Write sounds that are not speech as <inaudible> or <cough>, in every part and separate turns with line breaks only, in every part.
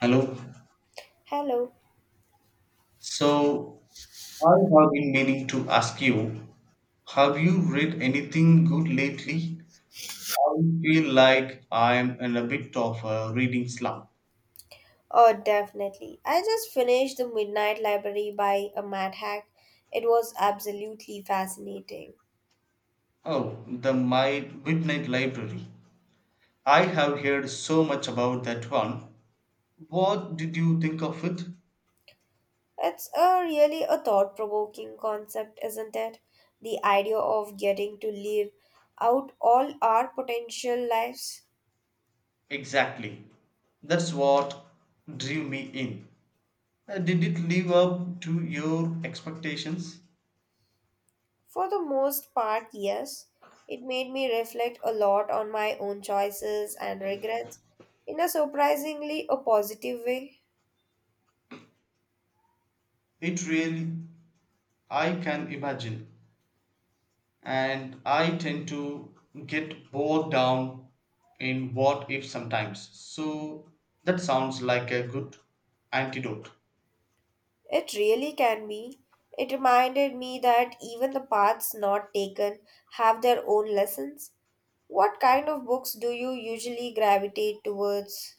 Hello.
Hello.
So I have been meaning to ask you, have you read anything good lately? I feel like I'm in a bit of a reading slump.
Oh, definitely. I just finished The Midnight Library by a Mad Hack. It was absolutely fascinating.
Oh, the My Midnight Library. I have heard so much about that one. What did you think of it?
It's a really a thought-provoking concept, isn't it? The idea of getting to live out all our potential lives.
Exactly. That's what drew me in. Did it live up to your expectations?
For the most part, yes. It made me reflect a lot on my own choices and regrets in a surprisingly a positive way.
It really, I can imagine. And I tend to get bogged down in what if sometimes. So that sounds like a good antidote.
It really can be. It reminded me that even the paths not taken have their own lessons. What kind of books do you usually gravitate towards?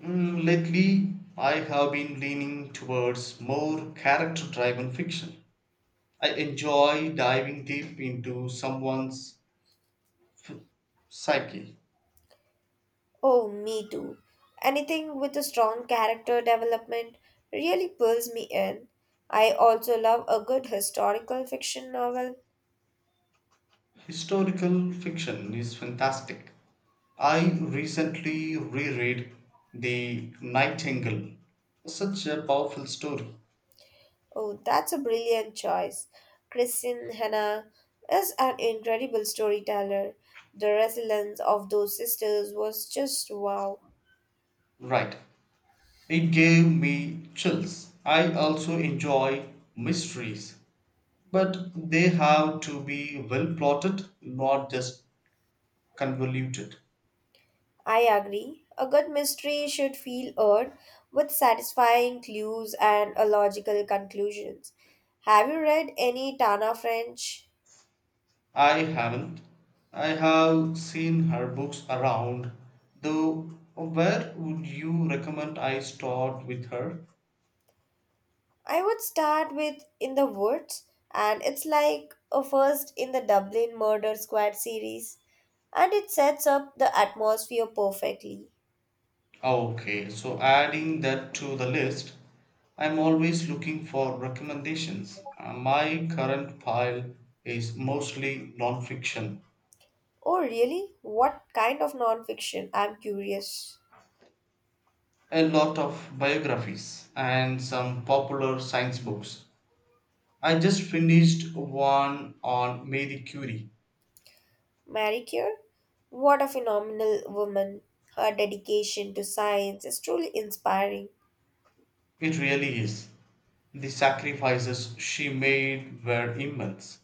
Lately, I have been leaning towards more character driven fiction. I enjoy diving deep into someone's f- psyche.
Oh, me too. Anything with a strong character development really pulls me in. I also love a good historical fiction novel.
Historical fiction is fantastic. I recently reread The Nightingale, such a powerful story.
Oh, that's a brilliant choice. Christine Hannah is an incredible storyteller. The resilience of those sisters was just wow.
Right. It gave me chills. I also enjoy mysteries, but they have to be well plotted, not just convoluted.
I agree. A good mystery should feel earned with satisfying clues and a logical conclusions. Have you read any Tana French?
I haven't. I have seen her books around, though where would you recommend I start with her?
I would start with In the Woods, and it's like a first in the Dublin Murder Squad series, and it sets up the atmosphere perfectly.
Okay, so adding that to the list, I'm always looking for recommendations. My current pile is mostly non-fiction.
Oh, really? What kind of non fiction? I'm curious.
A lot of biographies and some popular science books. I just finished one on Marie Curie.
Marie Curie, what a phenomenal woman. Her dedication to science is truly inspiring.
It really is. The sacrifices she made were immense.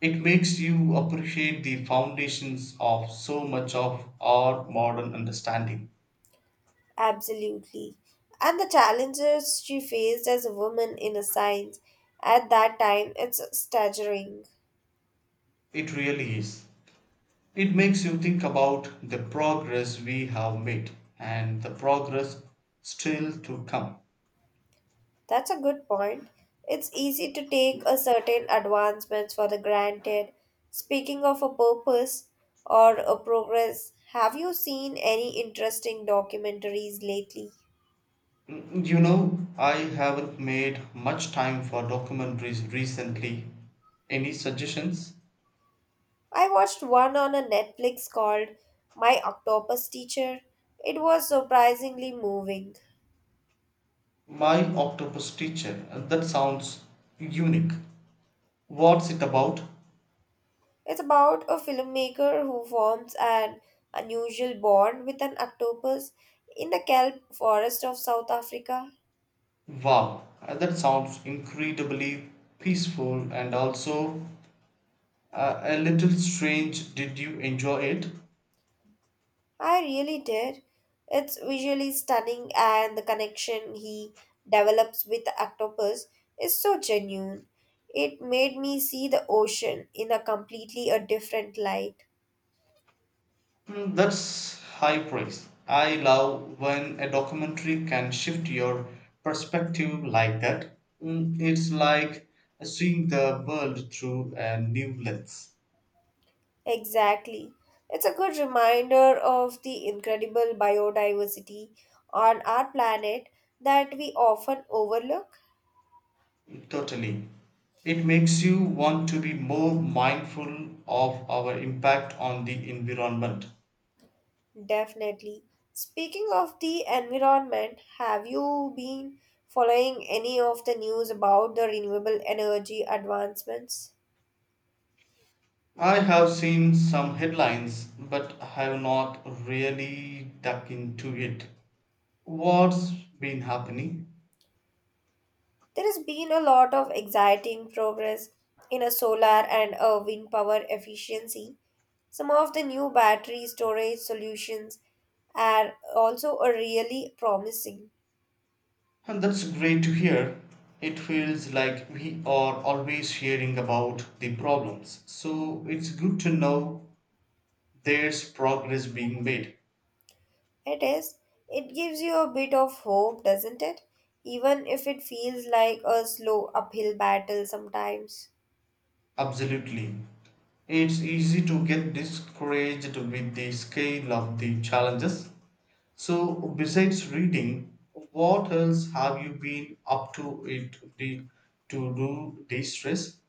It makes you appreciate the foundations of so much of our modern understanding.
Absolutely. And the challenges she faced as a woman in a science at that time, it's staggering.
It really is. It makes you think about the progress we have made and the progress still to come.
That's a good point. It's easy to take a certain advancements for the granted. Speaking of a purpose or a progress, have you seen any interesting documentaries lately?
Mm, I haven't made much time for documentaries recently. Any suggestions?
I watched one on a Netflix called My Octopus Teacher. It was surprisingly moving.
My Octopus Teacher, that sounds unique. What's it about?
It's about a filmmaker who forms an unusual bond with an octopus in the kelp forest of South Africa.
Wow, that sounds incredibly peaceful and also a little strange. Did you enjoy it?
I really did. It's visually stunning and the connection he develops with the octopus is so genuine. It made me see the ocean in a completely a different light.
Mm, that's high praise. I love when a documentary can shift your perspective like that. Mm, it's like seeing the world through a new lens.
Exactly. It's a good reminder of the incredible biodiversity on our planet that we often overlook.
Totally. It makes you want to be more mindful of our impact on the environment.
Definitely. Speaking of the environment, have you been following any of the news about the renewable energy advancements?
I have seen some headlines, but I have not really dug into it. What's been happening?
There has been a lot of exciting progress in a solar and a wind power efficiency. Some of the new battery storage solutions are also a really promising.
And that's great to hear. It feels like we are always hearing about the problems. So it's good to know there's progress being made.
It is. It gives you a bit of hope, doesn't it? Even if it feels like a slow uphill battle sometimes.
Absolutely. It's easy to get discouraged with the scale of the challenges. So, besides reading, what else have you been up to it the, to do de stress?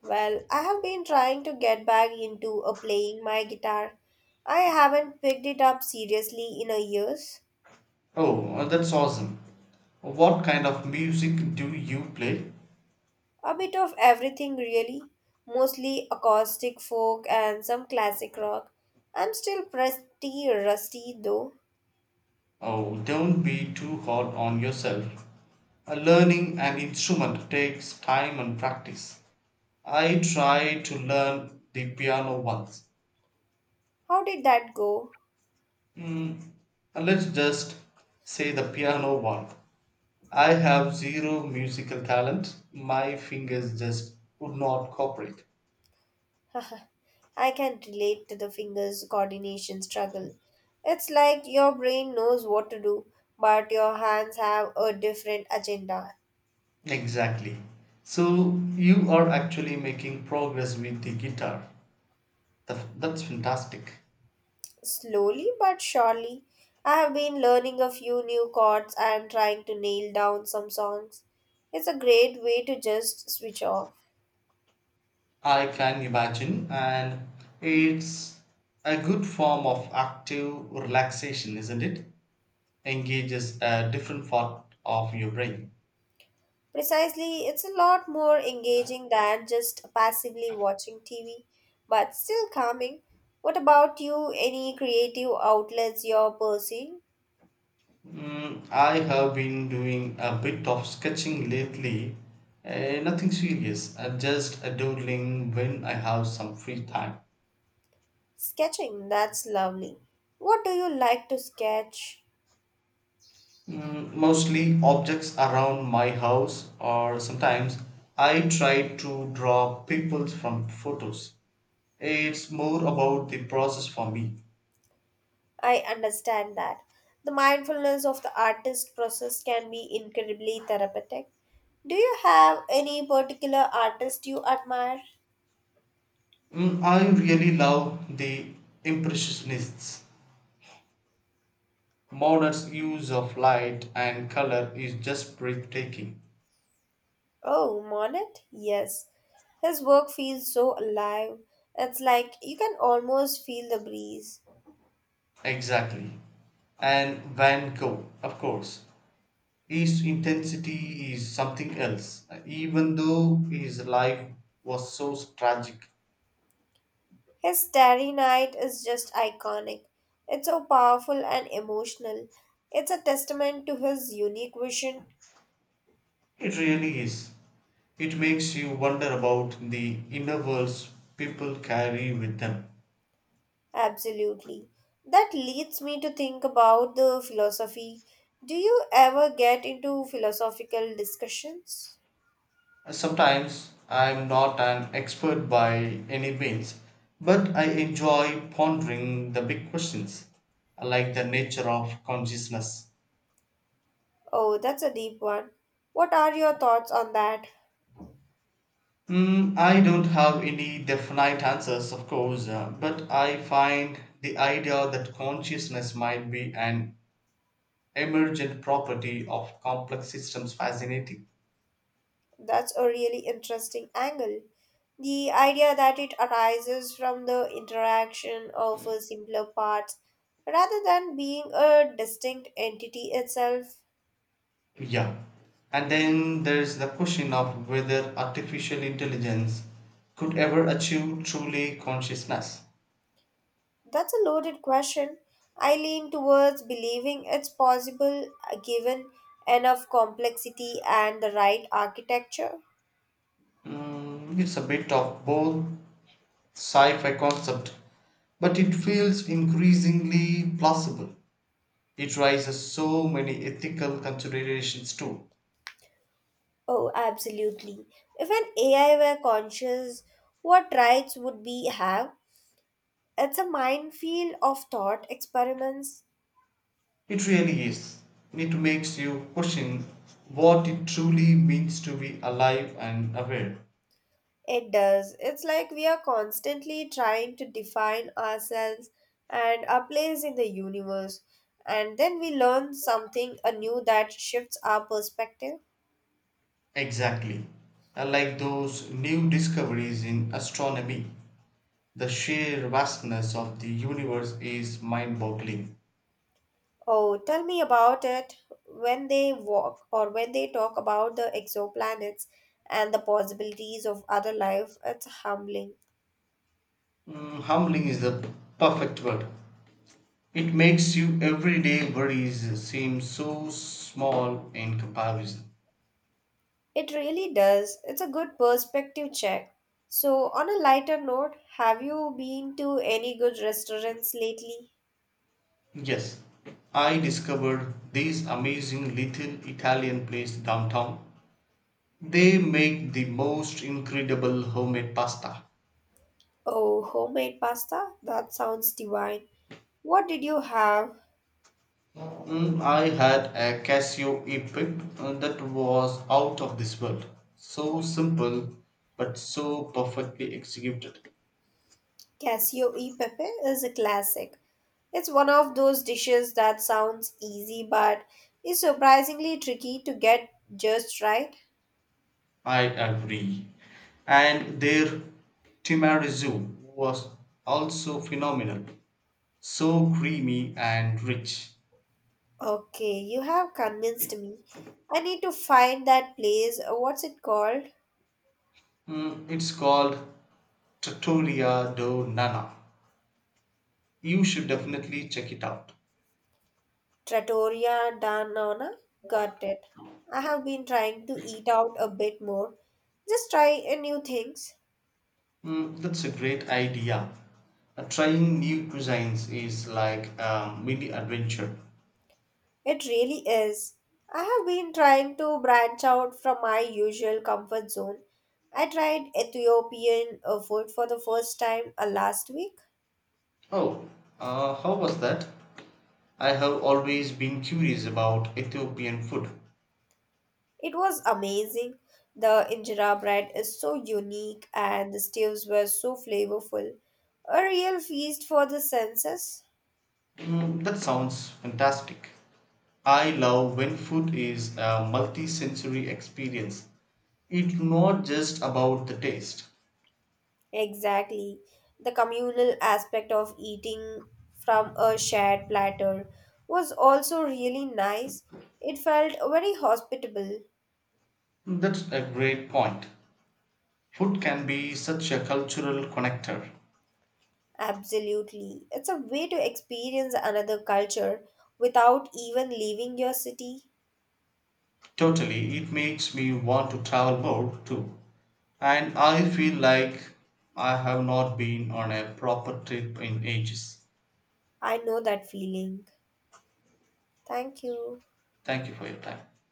Well, I have been trying to get back into a playing my guitar. I haven't picked it up seriously in a years.
Oh, that's awesome. What kind of music do you play?
A bit of everything, really. Mostly acoustic folk and some classic rock. I'm still pretty rusty, though.
Oh, don't be too hard on yourself. Learning an instrument takes time and practice. I tried to learn the piano once.
How did that go?
Mm, let's just say the piano one. I have zero musical talent. My fingers just would not cooperate.
<laughs> I can relate to the fingers coordination struggle. It's like your brain knows what to do, but your hands have a different agenda.
Exactly. So you are actually making progress with the guitar. That's fantastic.
Slowly but surely, I have been learning a few new chords and trying to nail down some songs. It's a great way to just switch off.
I can imagine, and it's a good form of active relaxation, isn't it? Engages a different part of your brain.
Precisely, it's a lot more engaging than just passively watching TV, but still calming. What about you? Any creative outlets you're pursuing?
I have been doing a bit of sketching lately, nothing serious, just a doodling when I have some free time.
Sketching, that's lovely. What do you like to sketch?
Mostly objects around my house, or sometimes I try to draw people from photos. It's more about the process for me.
I understand that. The mindfulness of the artist process can be incredibly therapeutic. Do you have any particular artist you admire?
I really love the impressionists. Monet's use of light and color is just breathtaking.
Oh, Monet? Yes. His work feels so alive. It's like you can almost feel the breeze.
Exactly. And Van Gogh, of course, his intensity is something else, even though his life was so tragic.
His Starry Night is just iconic. It's so powerful and emotional. It's a testament to his unique vision.
It really is. It makes you wonder about the inner worlds people carry with them.
Absolutely. That leads me to think about the philosophy. Do you ever get into philosophical discussions?
Sometimes I'm not an expert by any means, but I enjoy pondering the big questions, like the nature of consciousness.
Oh, that's a deep one. What are your thoughts on that?
I don't have any definite answers, of course, but I find the idea that consciousness might be an emergent property of complex systems fascinating.
That's a really interesting angle. The idea that it arises from the interaction of simpler parts rather than being a distinct entity itself.
Yeah. And then there's the question of whether artificial intelligence could ever achieve truly consciousness.
That's a loaded question. I lean towards believing it's possible given enough complexity and the right architecture.
It's a bit of both sci fi concept, but it feels increasingly plausible. It raises so many ethical considerations too.
Oh, absolutely. If an AI were conscious, what rights would we have? It's a minefield of thought experiments.
It really is. It makes you question what it truly means to be alive and aware.
It does. It's like we are constantly trying to define ourselves and our place in the universe. And then we learn something anew that shifts our perspective.
Exactly. Like those new discoveries in astronomy, the sheer vastness of the universe is mind boggling.
Oh, tell me about it when they walk or when they talk about the exoplanets and the possibilities of other life. It's humbling.
Humbling is the perfect word. It makes you everyday worries seem so small in comparison.
It really does. It's a good perspective check. So, on a lighter note, have you been to any good restaurants lately?
Yes, I discovered this amazing little Italian place downtown. They make the most incredible homemade pasta.
Oh, homemade pasta? That sounds divine. What did you have?
I had a Casio epic that was out of this world. So simple, but so perfectly executed.
Casio e pepe is a classic. It's one of those dishes that sounds easy but is surprisingly tricky to get just right.
I agree. And their Timarizu was also phenomenal. So creamy and rich.
Okay, you have convinced me. I need to find that place. What's it called?
It's called Trattoria do Nana. You should definitely check it out.
Trattoria da Nonna? Got it. I have been trying to eat out a bit more. Just try new things.
That's a great idea. Trying new cuisines is like a mini adventure.
It really is. I have been trying to branch out from my usual comfort zone. I tried Ethiopian food for the first time last week.
Oh, how was that? I have always been curious about Ethiopian food.
It was amazing. The injera bread is so unique and the stews were so flavorful. A real feast for the senses.
That sounds fantastic. I love when food is a multi sensory experience. It's not just about the taste.
Exactly. The communal aspect of eating from a shared platter was also really nice. It felt very hospitable.
That's a great point. Food can be such a cultural connector.
Absolutely. It's a way to experience another culture without even leaving your city.
Totally, it makes me want to travel more too. And I feel like I have not been on a proper trip in ages.
I know that feeling. Thank you.
Thank you for your time.